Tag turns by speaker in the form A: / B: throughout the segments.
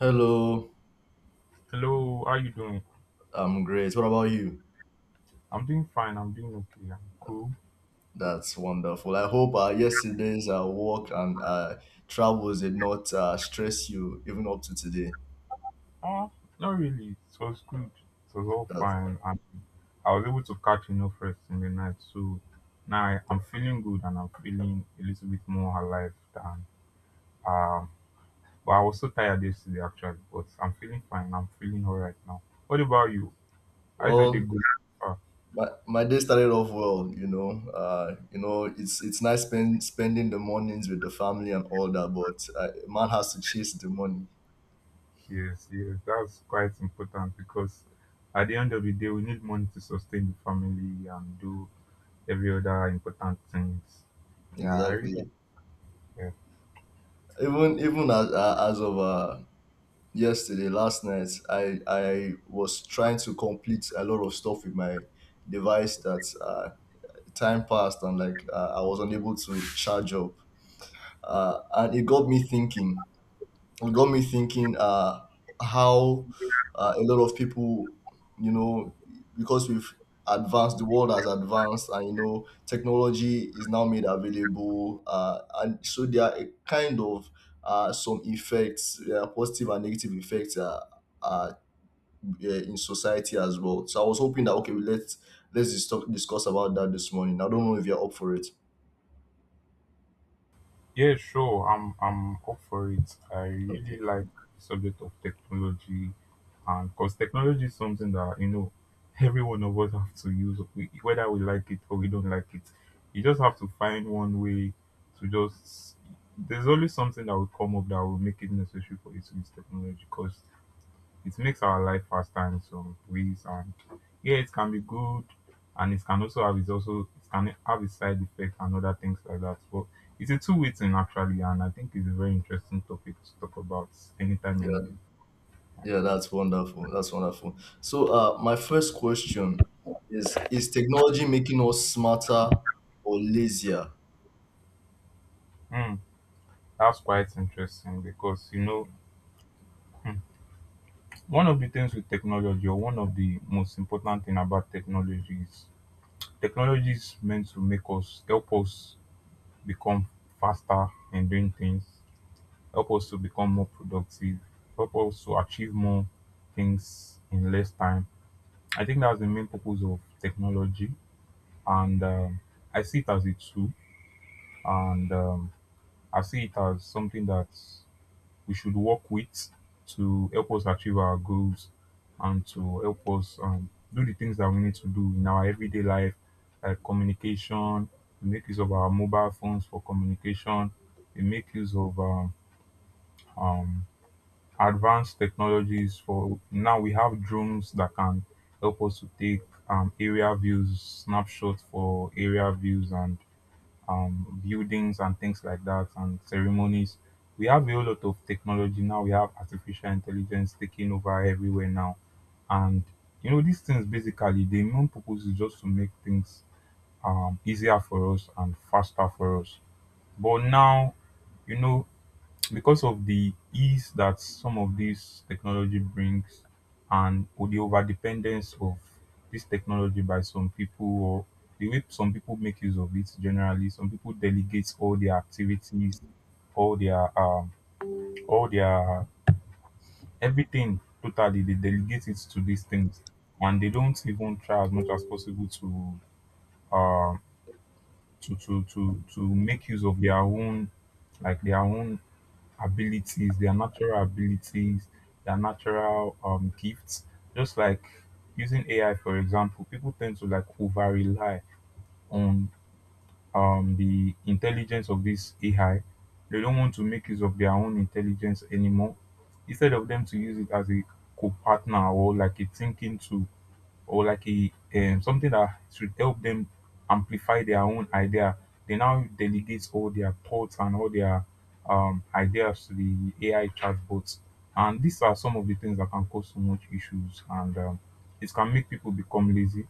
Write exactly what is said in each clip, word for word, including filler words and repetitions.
A: Hello,
B: Hello, how you doing?
A: I'm great. What about you?
B: I'm doing fine. I'm doing okay. I'm cool.
A: That's wonderful. I hope uh, yesterday's uh, work and uh, travels did not uh, stress you even up to today.
B: Ah, Not really. It was good. It was all
A: That
B: fine, and I was able to catch enough rest in the night. So now I- I'm feeling good, and I'm feeling a little bit more alive than um. But I was so tired yesterday, actually. But I'm feeling fine. I'm feeling all right now. What about you? How's your day
A: well,
B: going? Ah,
A: my, my day started off well. You know, uh, you know, it's it's nice spend, spending the mornings with the family and all that, but uh, man has to chase the money.
B: yes, yes. That's quite important because at the end of the day, we need money to sustain the family and do every other important things. Yeah, I really don't
A: Exactly.
B: care.
A: Even even as uh, as of uh, yesterday, last night, I I was trying to complete a lot of stuff with my device that uh, time passed and like uh, I was unable to charge up, uh, and it got me thinking. It got me thinking uh, how uh, a lot of people, you know, because we've advanced, the world has advanced, and you know, technology is now made available, uh, and so there are a kind of uh, some effects, uh, positive and negative effects. Uh, uh, yeah, in society as well. So I was hoping that okay, we let's let's dis- talk- discuss about that this morning. I don't know if you're up for it.
B: Yeah, sure. I'm I'm up for it. I
A: Okay.
B: really like the subject of technology, and because technology is something that you know every one of us have to use, we- whether we like it or we don't like it. You just have to find one way to just. There's always something that will come up that will make it necessary for you to use technology. Because it makes our life faster in some ways, and yeah, it can be good, and it can also have its also it can have its side effects and other things like that. But it's a two-way thing actually, and I think it's a very interesting topic to talk about anytime, any
A: Yeah,
B: day.
A: yeah, that's wonderful. That's wonderful. So, uh, my first question is: Is technology making us smarter or lazier?
B: Hmm, that's quite interesting because you know hmm, one of the things with technology, or one of the most important thing about technology is technology is meant to make us help us become faster in doing things, help us to become more productive, help us to achieve more things in less time. I think that's the main purpose of technology, and um, I see it as a tool, and um, I see it as something that we should work with to help us achieve our goals, and to help us um, do the things that we need to do in our everyday life, like communication. We make use of our mobile phones for communication. We make use of um, um, advanced technologies. For now, we have drones that can help us to take um, area views, snapshots for area views, and um, buildings and things like that, and ceremonies. We have a whole lot of technology now. We have artificial intelligence taking over everywhere now. And you know, these things basically the main purpose is just to make things um, easier for us and faster for us. But now, you know, because of the ease that some of this technology brings, and the over dependence of this technology by some people, or the way some people make use of it generally, some people delegate all their activities, all their um all their everything totally, they delegate it to these things, and they don't even try as much as possible to um to to to to make use of their own, like their own abilities, their natural abilities, their natural um, gifts. Just like using A I, for example, people tend to like over rely on um, the intelligence of this A I. They don't want to make use of their own intelligence anymore. Instead of them to use it as a co partner, or like a thinking tool, or like a um, something that should help them amplify their own idea. They now delegate all their thoughts and all their um, ideas to the A I chatbots. And these are some of the things that can cause so much issues, and um, it can make people become lazy.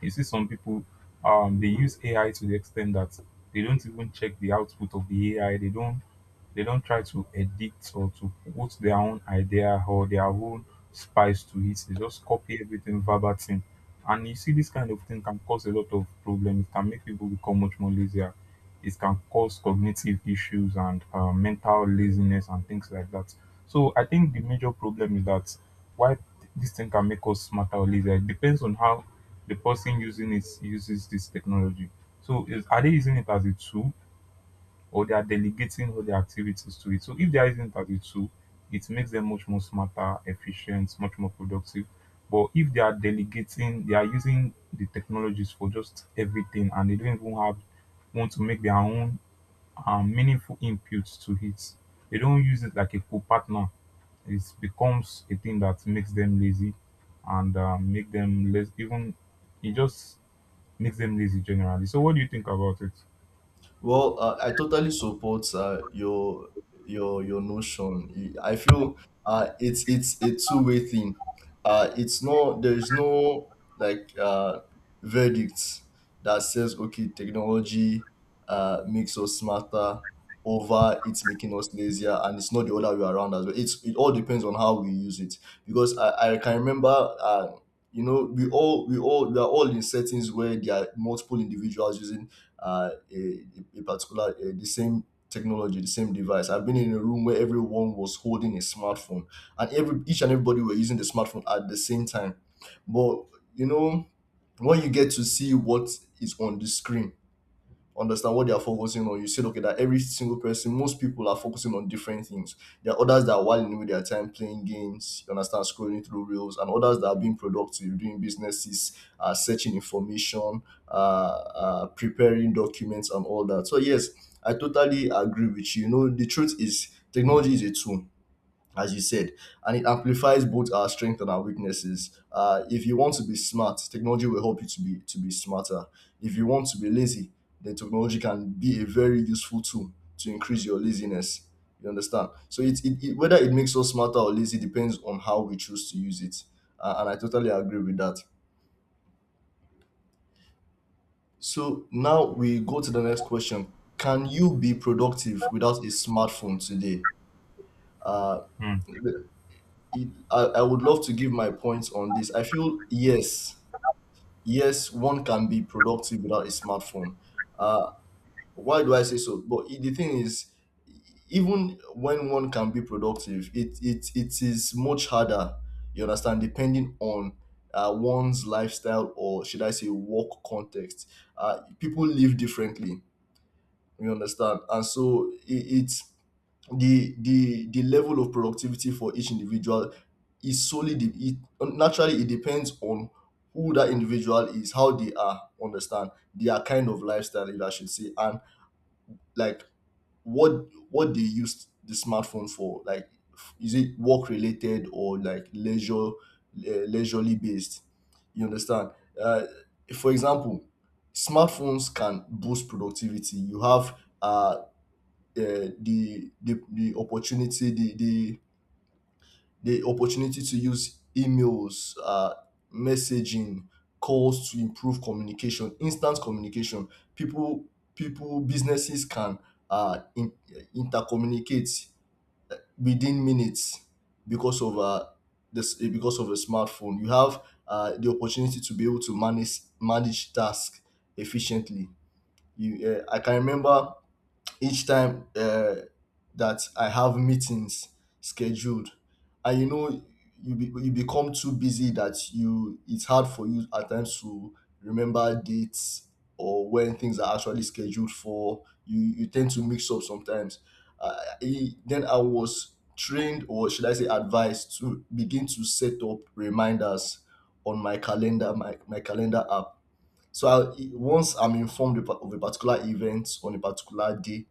B: You see, some people um, they use A I to the extent that they don't even check the output of the A I. They don't they don't try to edit or to put their own idea or their own spice to it. They just copy everything verbatim. And you see, this kind of thing can cause a lot of problems. It can make people become much more lazier. It can cause cognitive issues, and uh, mental laziness and things like that. So I think the major problem is that why this thing can make us smarter or lazier. It depends on how the person using it uses this technology. So is, are they using it as a tool, or they are delegating all their activities to it. So if there is impact with tool, it makes them much more smarter, efficient, much more productive. But if they are delegating, they are using the technologies for just everything, and they don't even have want to make their own um, meaningful inputs to it. They don't use it like a co-partner. It becomes a thing that makes them lazy, and uh, make them less even it just makes them lazy generally. So what do you think about it?
A: Well, uh, I totally support uh, your your your notion. I feel uh, it's it's a two way thing. Uh, it's not there is no like uh, verdict that says okay, technology uh, makes us smarter over it's making us lazier, and it's not the other way around as well. It's it all depends on how we use it because I, I can remember. Uh, you know, we all we all we are all in settings where there are multiple individuals using uh, a, a particular uh, the same technology, the same device. I've been in a room where everyone was holding a smartphone, and every each and everybody were using the smartphone at the same time, but you know, when you get to see what is on the screen, understand what they are focusing on. You said, okay, that every single person, most people are focusing on different things. There are others that are whiling away their time playing games, you understand, scrolling through reels, and others that are being productive, doing businesses, uh, searching information, uh, uh, preparing documents, and all that. So, yes, I totally agree with you. You know, the truth is technology is a tool, as you said, and it amplifies both our strength and our weaknesses. Uh, if you want to be smart, technology will help you to be to be smarter. If you want to be lazy, then technology can be a very useful tool to increase your laziness. You understand? So it, it, it, whether it makes us smarter or lazy, depends on how we choose to use it, uh, and I totally agree with that. So now we go to the next question: Can you be productive without a smartphone today? Uh,
B: Hmm.
A: it, I, I would love to give my points on this. I feel yes, yes, one can be productive without a smartphone. Uh, why do I say so? But i- the thing is, even when one can be productive, it it, it is much harder. You understand, depending on uh, one's lifestyle, or should I say work context. Uh, people live differently. You understand, and so it, it's the the the level of productivity for each individual is solely de- it, naturally, it depends on who that individual is, how they are, understand, their kind of lifestyle, if I should say, and like, what what they use the smartphone for. Like f- is it work related or like leisure, uh, leisurely based, you understand? uh, for example, smartphones can boost productivity. You have uh, uh, the the the opportunity, the the the opportunity to use emails, uh messaging, calls to improve communication, instant communication. people People, businesses can uh in, intercommunicate within minutes because of uh this because of a smartphone. You have uh, the opportunity to be able to manage manage tasks efficiently. You uh, I can remember each time uh, that I have meetings scheduled, and you know, you be, you become too busy that you it's hard for you at times to remember dates or when things are actually scheduled for. You you tend to mix up sometimes. Uh, I- then I was trained, or should I say, advised to begin to set up reminders on my calendar, my, my calendar app. So I, once I'm informed of a particular event on a particular day,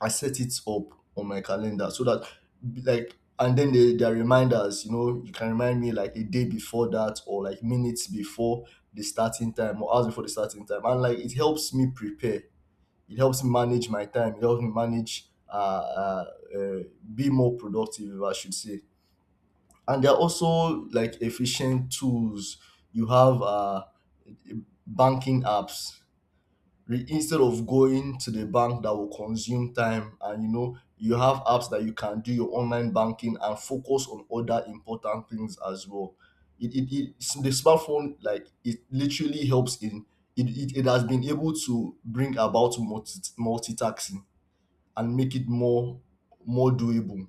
A: I set it up on my calendar so that like, and then the their reminders, you know, you can remind me like a day before that or like minutes before the starting time or hours before the starting time. And like, it helps me prepare. It helps me manage my time. It helps me manage uh, uh, uh be more productive, if I should say. And there are also like efficient tools. You have uh banking apps. Re- instead of going to the bank that will consume time, and you know, you have apps that you can do your online banking and focus on other important things as well. it, it, it The smartphone, like, it literally helps in it, it, it has been able to bring about multi, multitasking and make it more, more doable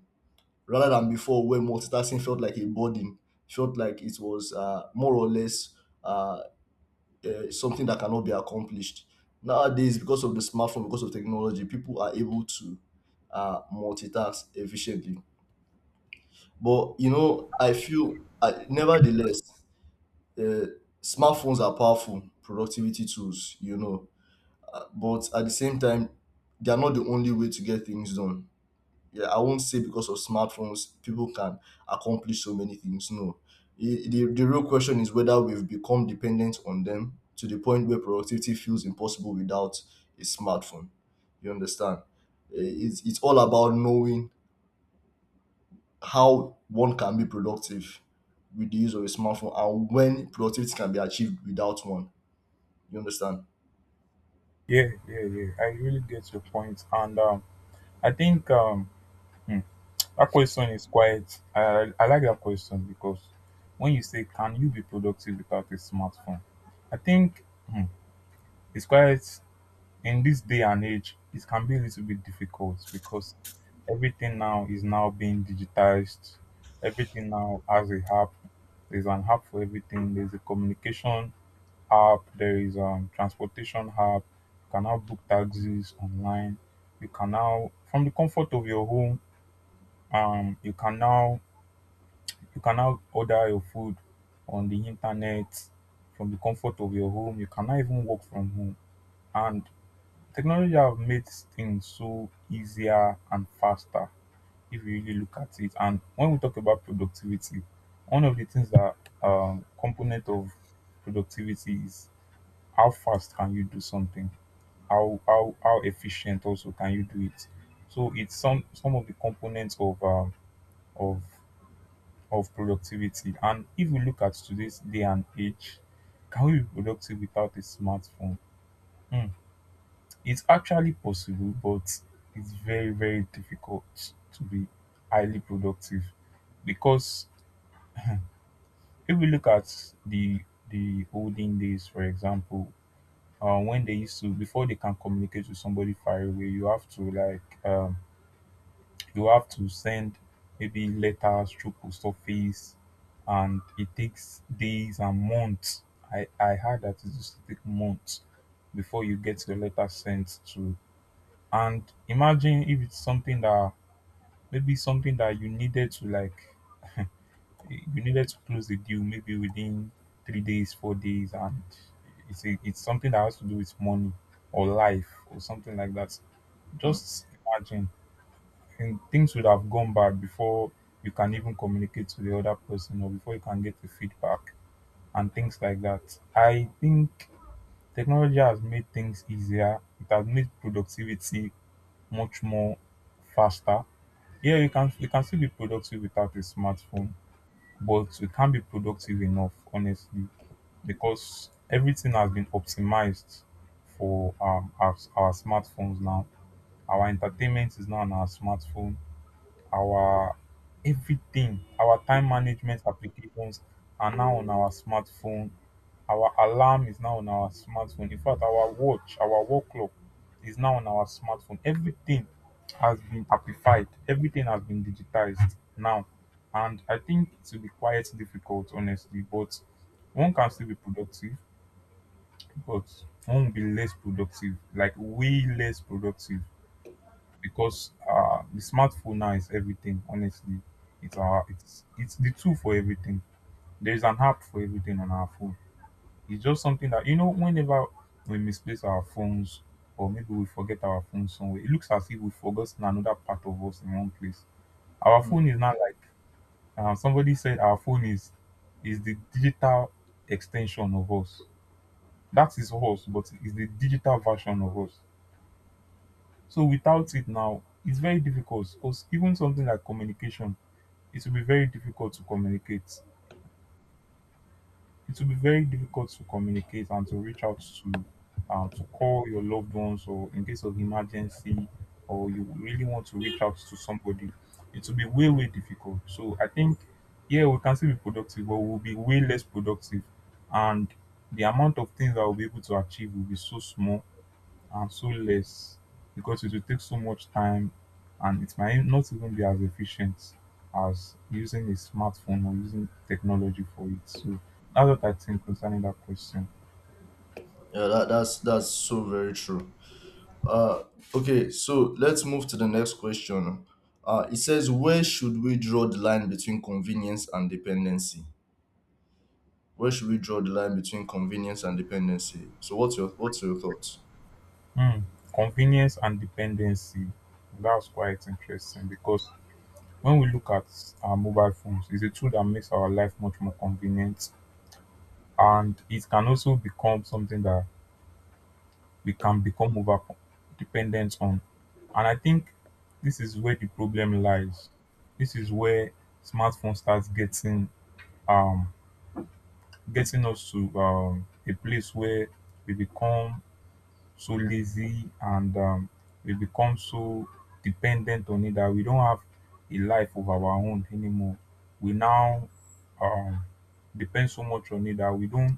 A: rather than before, where multitasking felt like a burden, felt like it was uh, more or less uh, uh, is something that cannot be accomplished. Nowadays, because of the smartphone, because of technology, people are able to uh, multitask efficiently. But you know, I feel I, nevertheless, uh, smartphones are powerful productivity tools, you know, uh, but at the same time, they are not the only way to get things done. Yeah, I won't say because of smartphones, people can accomplish so many things. No. I- The, the real question is whether we've become dependent on them to the point where productivity feels impossible without a smartphone. You understand? Eh, It's, it's all about knowing how one can be productive with the use of a smartphone and when productivity can be achieved without one. You understand?
B: Yeah, yeah, yeah. I really get your point, and um, I think um, hmm, that question is quite. I I like that question because when you say, "Can you be productive without a smartphone?" I think hmm, it's quite, in this day and age, it can be a little bit difficult because everything now is now being digitized. Everything now has a app. There's an app for everything. There's a communication app, there is um transportation app. You can now book taxis online, you can now from the comfort of your home, um you can now you can now order your food on the internet from the comfort of your home. You can now even work from home. And technology have made things so easier and faster if you really look at it. And when we talk about productivity, one of the things that um component of productivity is how fast can you do something, how how how efficient also can you do it, so it's some some of the components of um, of of productivity. And if we look at today's day and age, can we be productive without a smartphone? Hmm, it's actually possible, but it's very very difficult to be highly productive, because if we look at the the olden days, for example, uh, when they used to before they can communicate with somebody far away, you have to like um, you have to send maybe letters through post office, and it takes days and months. I, I heard that it used to take months before you get your letter sent to, and imagine if it's something that, maybe something that you needed to like, you needed to close the deal maybe within three days, four days, and it's a, it's something that has to do with money or life or something like that.
A: Hmm.
B: Just imagine, and things would have gone bad before you can even communicate to the other person or before you can get the feedback and things like that. I think technology has made things easier. It has made productivity much more faster. Yeah, you can you can still be productive without a smartphone, but we can't be productive enough, honestly, because everything has been optimized for um, our, our smartphones now. Our entertainment is now on our smartphone, our everything, our time management applications are now on our smartphone. Our alarm is now on our smartphone. In fact, our watch, our work clock is now on our smartphone. Everything has been amplified. Everything has been digitized now. And I think it will be quite difficult, honestly. But one can still be productive, but one will be less productive, like way less productive, because uh, the smartphone now is everything. Honestly, it's our it's it's the tool for everything. There is an app for everything on our phone. It's just something that you know. Whenever we misplace our phones, or maybe we forget our phone somewhere, it looks as if we've forgotten another part of us in one place. Our
A: Mm.
B: phone is not like uh, somebody said. Our phone is is the digital extension of us. That is us, but it's the digital version of us. So without it now, it's very difficult because even something like communication, it will be very difficult to communicate. It will be very difficult to communicate and to reach out to uh, to call your loved ones, or in case of emergency, or you really want to reach out to somebody. It will be way, way difficult. So I think yeah, we can still be productive, but we'll be way less productive, and the amount of things that we'll be able to achieve will be so small and so less because it will take so much time, and it might not even be as efficient as using a smartphone or using technology for it. So that's what I think concerning that question.
A: Yeah, that, that's that's so very true. Uh, okay, so let's move to the next question. Uh, it says, where should we draw the line between convenience and dependency? Where should we draw the line between convenience and dependency? So, what's your what's your thoughts?
B: Hmm. Convenience and dependency. That's quite interesting because when we look at our mobile phones, it's a tool that makes our life much more convenient, and it can also become something that we can become over dependent on. And I think this is where the problem lies. This is where smartphone starts getting um getting us to um, a place where we become so lazy and um, we become so dependent on it that we don't have a life of our own anymore. We now um, depend so much on it that we don't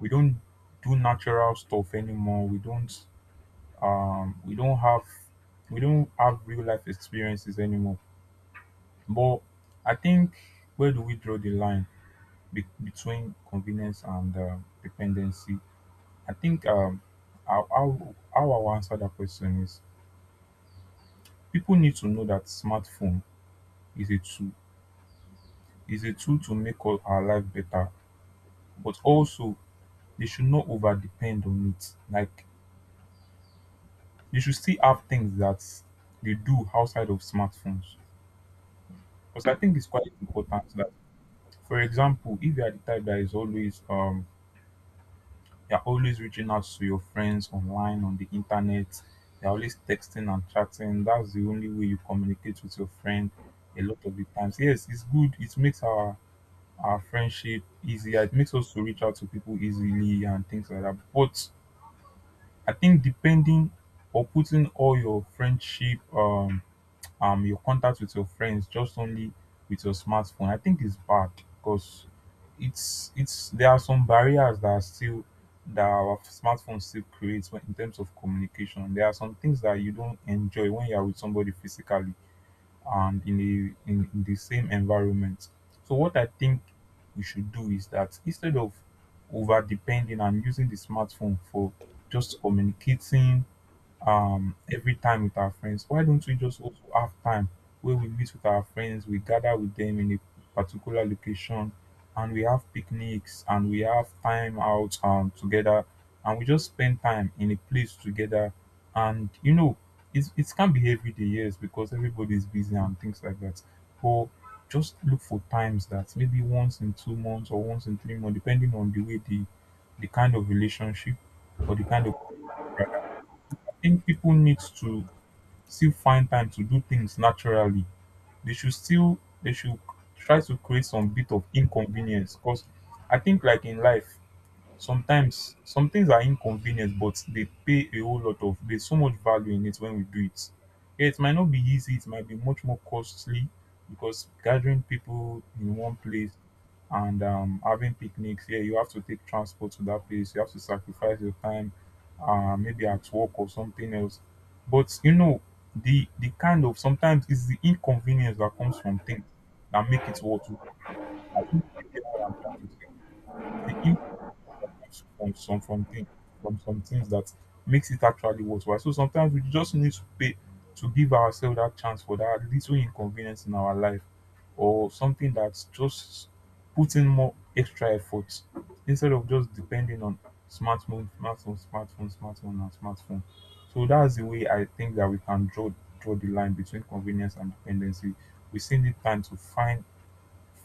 B: we don't do natural stuff anymore. We don't um we don't have we don't have real life experiences anymore. But I think, where do we draw the line be- between convenience and uh, dependency? I think um how, how how I will answer that question is, people need to know that smartphone is a tool, is a tool to make all our life better. But also, they should not over depend on it. Like, they should still have things that they do outside of smartphones, because I think it's quite important that... For example, if you are the type that is always um you're always reaching out to your friends online on the internet, you're always texting and chatting, that's the only way you communicate with your friend a lot of the times. Yes, it's good, it makes our our friendship easier, it makes us to reach out to people easily and things like that. But I think depending or putting all your friendship um um your contact with your friends just only with your smartphone, I think it's bad, because it's it's there are some barriers that are still that our smartphone still creates when, in terms of communication. There are some things that you don't enjoy when you are with somebody physically and in a in, in the same environment. So what I think we should do is that, instead of over depending and using the smartphone for just communicating um every time with our friends, why don't we just also have time where we meet with our friends, we gather with them in a particular location and we have picnics and we have time out um together, and we just spend time in a place together. And you know, it, it can be every day, yes, because everybody's busy and things like that, but just look for times that maybe once in two months or once in three months, depending on the way the the kind of relationship, or the kind of... Think people need to still find time to do things naturally. They should still they should try to create some bit of inconvenience, because I think like in life, sometimes some things are inconvenient but they pay a whole lot of, there's so much value in it when we do it. Yeah, it might not be easy, it might be much more costly, because gathering people in one place and um, having picnics, yeah, you have to take transport to that place, you have to sacrifice your time, uh, maybe at work or something else. But you know, the the kind of sometimes it's the inconvenience that comes from things that make it worth it. I think you get what I'm trying to say. It's the from some from thing from some things that makes it actually worthwhile. So sometimes we just need to pay, to give ourselves that chance for that little inconvenience in our life, or something that's just putting more extra effort, instead of just depending on smartphone, smartphone, smartphone, smartphone, and smartphone. So that's the way I think that we can draw draw the line between convenience and dependency. We still need time to find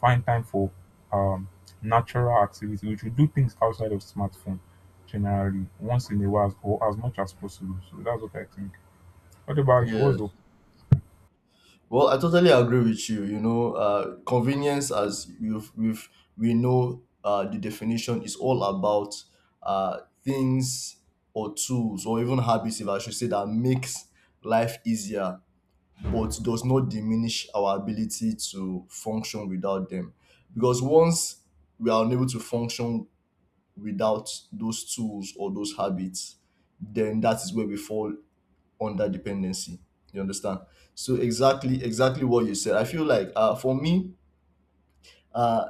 B: find time for um, natural activity. We should do things outside of smartphone generally, once in a while or as much as possible. So that's what I think. What about you?
A: Yes.
B: What's up?
A: Well, I totally agree with you. You know, uh, convenience, as we've, we've, we know, uh, the definition is all about uh, things or tools or even habits, if I should say, that makes life easier but does not diminish our ability to function without them. Because once we are unable to function without those tools or those habits, then that is where we fall under dependency. You understand? So exactly, exactly what you said. I feel like uh, for me, uh,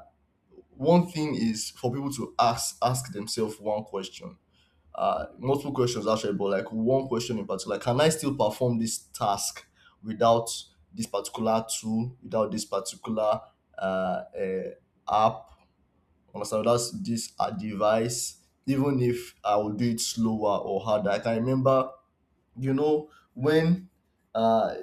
A: one thing is for people to ask ask themselves one question, uh, multiple questions actually, but like one question in particular. Can I still perform this task without this particular tool, without this particular uh, uh, app, understand, without this uh, device, even if I will do it slower or harder? I can remember, you know, when uh,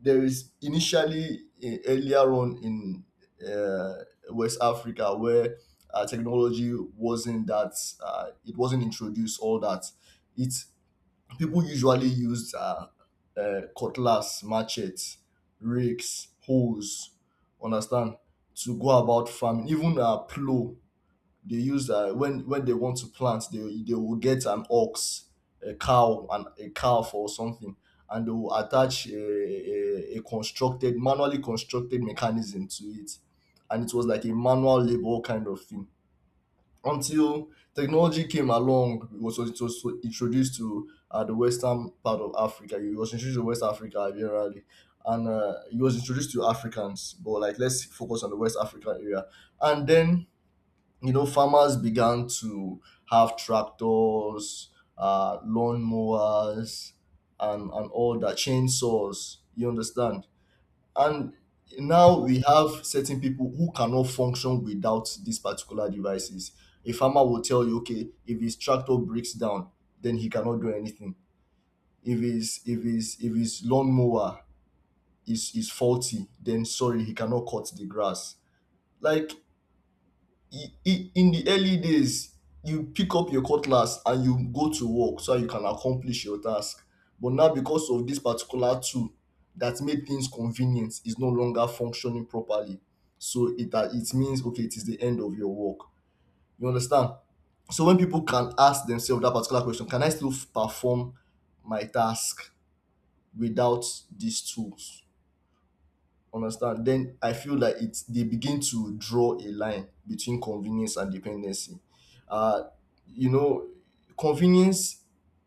A: there is initially uh, earlier on in uh, West Africa where uh, technology wasn't that uh, it wasn't introduced all that. It People usually used um um cutlass, machetes, rakes, hoes, understand, to go about farming, even um plow. They use um when when they want to plant, they they will get an ox, a cow and a calf or something, and they will attach a a a constructed, manually constructed mechanism to it. And it was like a manual labour kind of thing until technology came along. It was, it was introduced to uh, the western part of Africa. It was introduced to West Africa generally, and uh, it was introduced to Africans. But like, let's focus on the West African area, and then, you know, farmers began to have tractors, uh, lawn mowers, and and all that, chainsaws. You understand? And now we have certain people who cannot function without these particular devices. A farmer will tell you, okay, if his tractor breaks down, then he cannot do anything. If his if his if his lawnmower is is faulty, then sorry, he cannot cut the grass. Like i- i- in the early days you pick up your cutlass and you go to work so that you can accomplish your task. But now, because of this particular tool that made things convenient is no longer functioning properly, so it that it means okay, it is the end of your work. You understand? So when people can ask themselves that particular question, can I still f- perform my task without these tools, understand, then I feel like it's they begin to draw a line between convenience and dependency. uh you know, convenience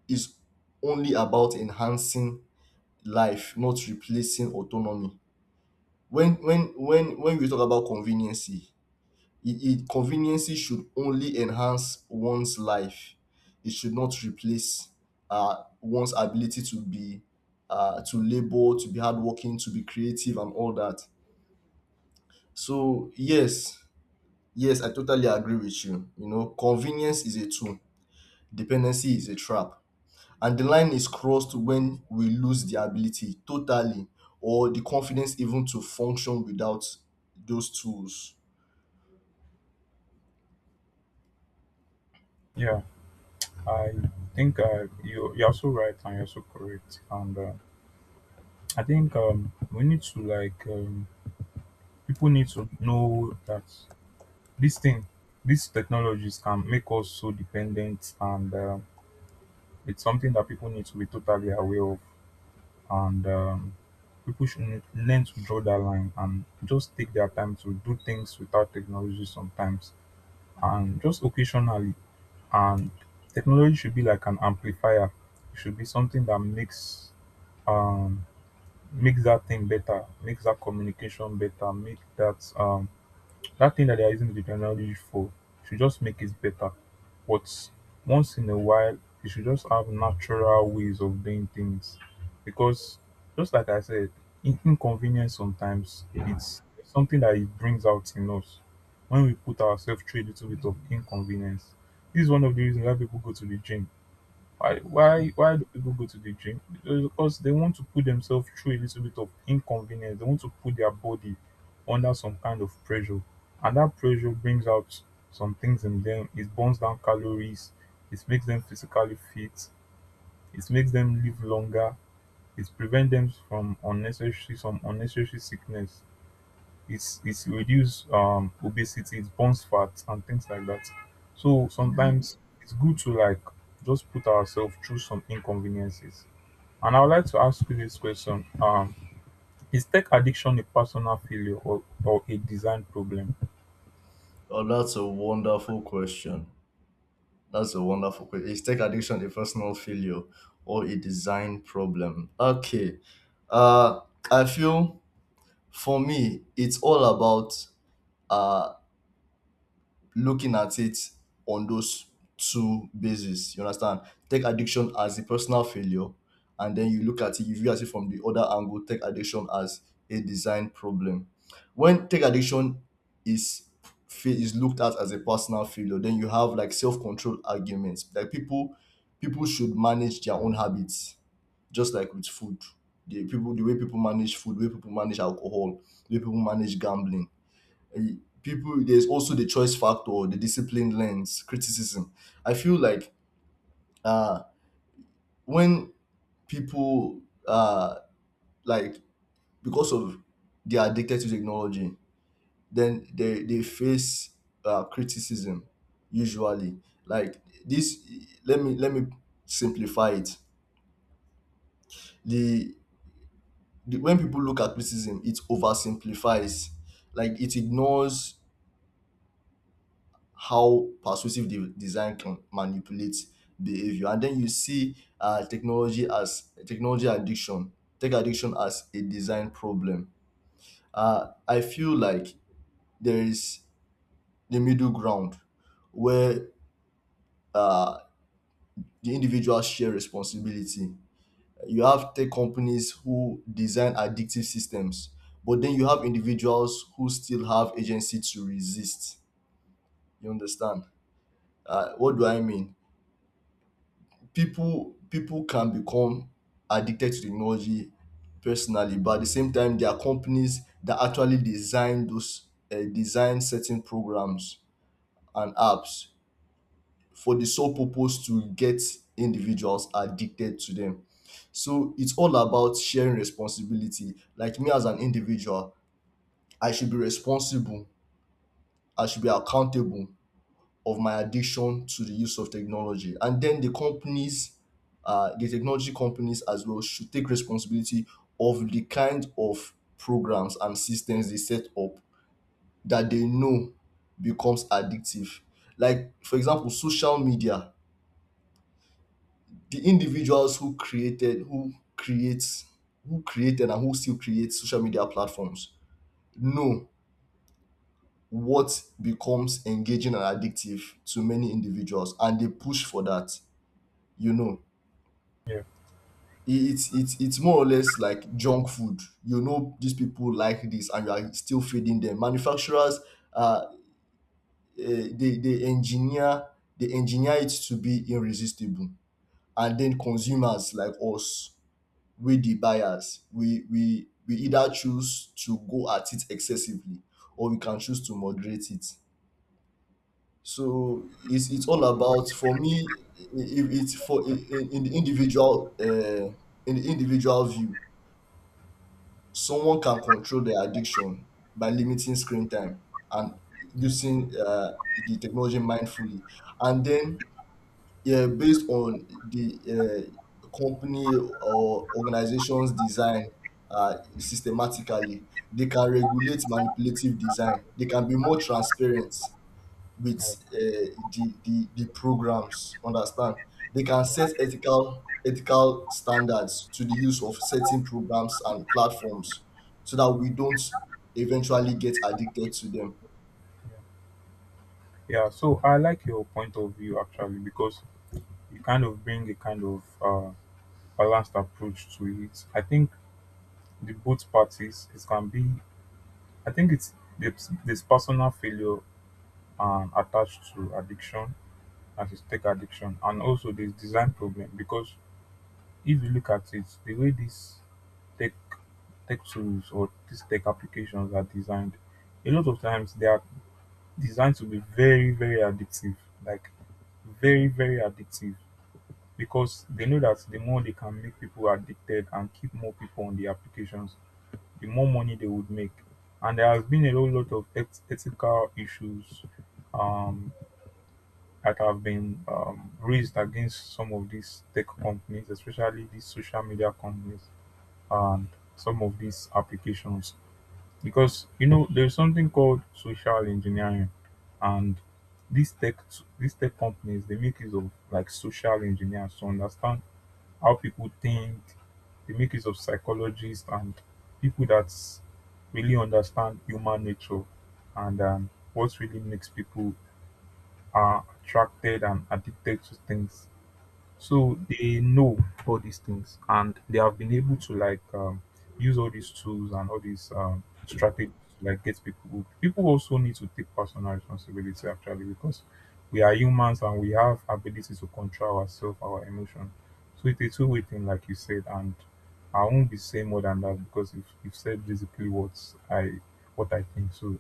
A: is only about enhancing life, not replacing autonomy. When when when when we talk about conveniency, it, it conveniency should only enhance one's life. It should not replace uh one's ability to be uh to labor, to be hardworking, to be creative, and all that. So yes, yes, I totally agree with you. You know, convenience is a tool, dependency is a trap. And the line is crossed when we lose the ability totally or the confidence even to function without those tools.
B: Yeah, I think uh, you you're so right and you're so correct. And uh, I think um, we need to like um, people need to know that this thing, these technologies can make us so dependent, and um it's something that people need to be totally aware of. And um, people should learn to draw that line and just take their time to do things without technology sometimes, and just occasionally. And technology should be like an amplifier, it should be something that makes um makes that thing better, makes that communication better, make that um that thing that they are using the technology for should just make it better. But once in a while, you should just have natural ways of doing things. Because just like I said, in- inconvenience sometimes it's something that it brings out in us when we put ourselves through a little bit of inconvenience. This is one of the reasons why people go to the gym. Why why why do people go to the gym? Because they want to put themselves through a little bit of inconvenience. They want to put their body under some kind of pressure. And that pressure brings out some things in them. It burns down calories. It makes them physically fit. It makes them live longer. It prevents them from unnecessary some unnecessary sickness, it's it's reduce um obesity, it burns fat and things like that. So sometimes it's good to like just put ourselves through some inconveniences. And I would like to ask you this question, um is tech addiction a personal failure, or, or a design problem?
A: Oh, that's a wonderful question. That's a wonderful question. Is tech addiction a personal failure or a design problem? Okay. Uh I feel, for me, it's all about uh looking at it on those two bases. You understand? Take addiction as a personal failure, and then you look at it, you view at it from the other angle. Take addiction as a design problem. When take addiction is fa- is looked at as a personal failure, then you have like self control arguments. Like people, people should manage their own habits, just like with food. The people, the way people manage food, the way people manage alcohol, the way people manage gambling, people, there's also the choice factor, the discipline lens criticism. I feel like uh when people uh like because of they are addicted to technology, then they they face uh criticism usually, like this. Let me let me simplify it. The, the when people look at criticism, it oversimplifies, like it ignores how persuasive the design can manipulate behavior. And then you see uh, technology as technology addiction, tech addiction as a design problem. Uh, I feel like there is the middle ground where uh, the individuals share responsibility. You have tech companies who design addictive systems, but then you have individuals who still have agency to resist. You understand? Uh, what do I mean? People, people can become addicted to technology personally, but at the same time there are companies that actually design those uh, design certain programs and apps for the sole purpose to get individuals addicted to them. So it's all about sharing responsibility. Like me, as an individual, I should be responsible, I should be accountable of my addiction to the use of technology. And then the companies, uh, the technology companies as well, should take responsibility of the kind of programs and systems they set up, that they know becomes addictive. Like, for example, social media. The individuals who created, who creates, who created and who still create social media platforms know what becomes engaging and addictive to many individuals, and they push for that, you know.
B: Yeah.
A: it- it's it's it's more or less like junk food. You know these people like this, and you are still feeding them. Manufacturers, uh, eh, they they engineer, they engineer it to be irresistible, and then consumers like us, we the buyers, we we we either choose to go at it excessively, or we can choose to moderate it. So it's it's all about, for me. i- If it's for in, in the individual, uh, in the individual view, someone can control their addiction by limiting screen time and using uh, the technology mindfully. And then, yeah, based on the uh, company or organization's design, uh, systematically, they can regulate manipulative design, they can be more transparent
B: Yeah,
A: with uh, the, the the programs, understand, they can set
B: yeah.
A: ethical ethical standards to the use of certain programs and platforms so that we don't eventually get addicted to them.
B: Yeah. Yeah, so I like your point of view actually, because you kind of bring a kind of uh balanced approach to it. I think the both parties it can be, I think it's there's, there's personal failure and attached to addiction as is tech addiction, and also there's design problem, because if you look at it, the way these tech tech tools or these tech applications are designed, a lot of times they are designed to be very very addictive, like very very addictive, because they know that the more they can make people addicted and keep more people on the applications, the more money they would make. And there has been a whole lot of eth- ethical issues um that have been um, raised against some of these tech companies, especially these social media companies and some of these applications. Because you know, there's something called social engineering, and these tech these tech companies, they make use of like social engineers to understand how people think. They make use of psychologists and people that really understand human nature and um, what really makes people are attracted and addicted to things. So they know all these things, and they have been able to like um, use all these tools and all these um, strategies to like get people hooked. People also need to take personal responsibility actually, because we are humans and we have ability to control ourselves, our emotion. So it's a two-way thing, like you said, and I won't be saying more than that because you've, you've said basically what I what I think. So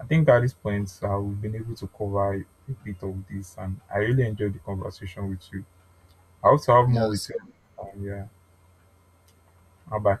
B: I think at this point, uh, we've been able to cover a bit of this, and I really enjoyed the conversation with you. I hope to have more with you.
A: Yes.
B: Um, yeah, bye bye.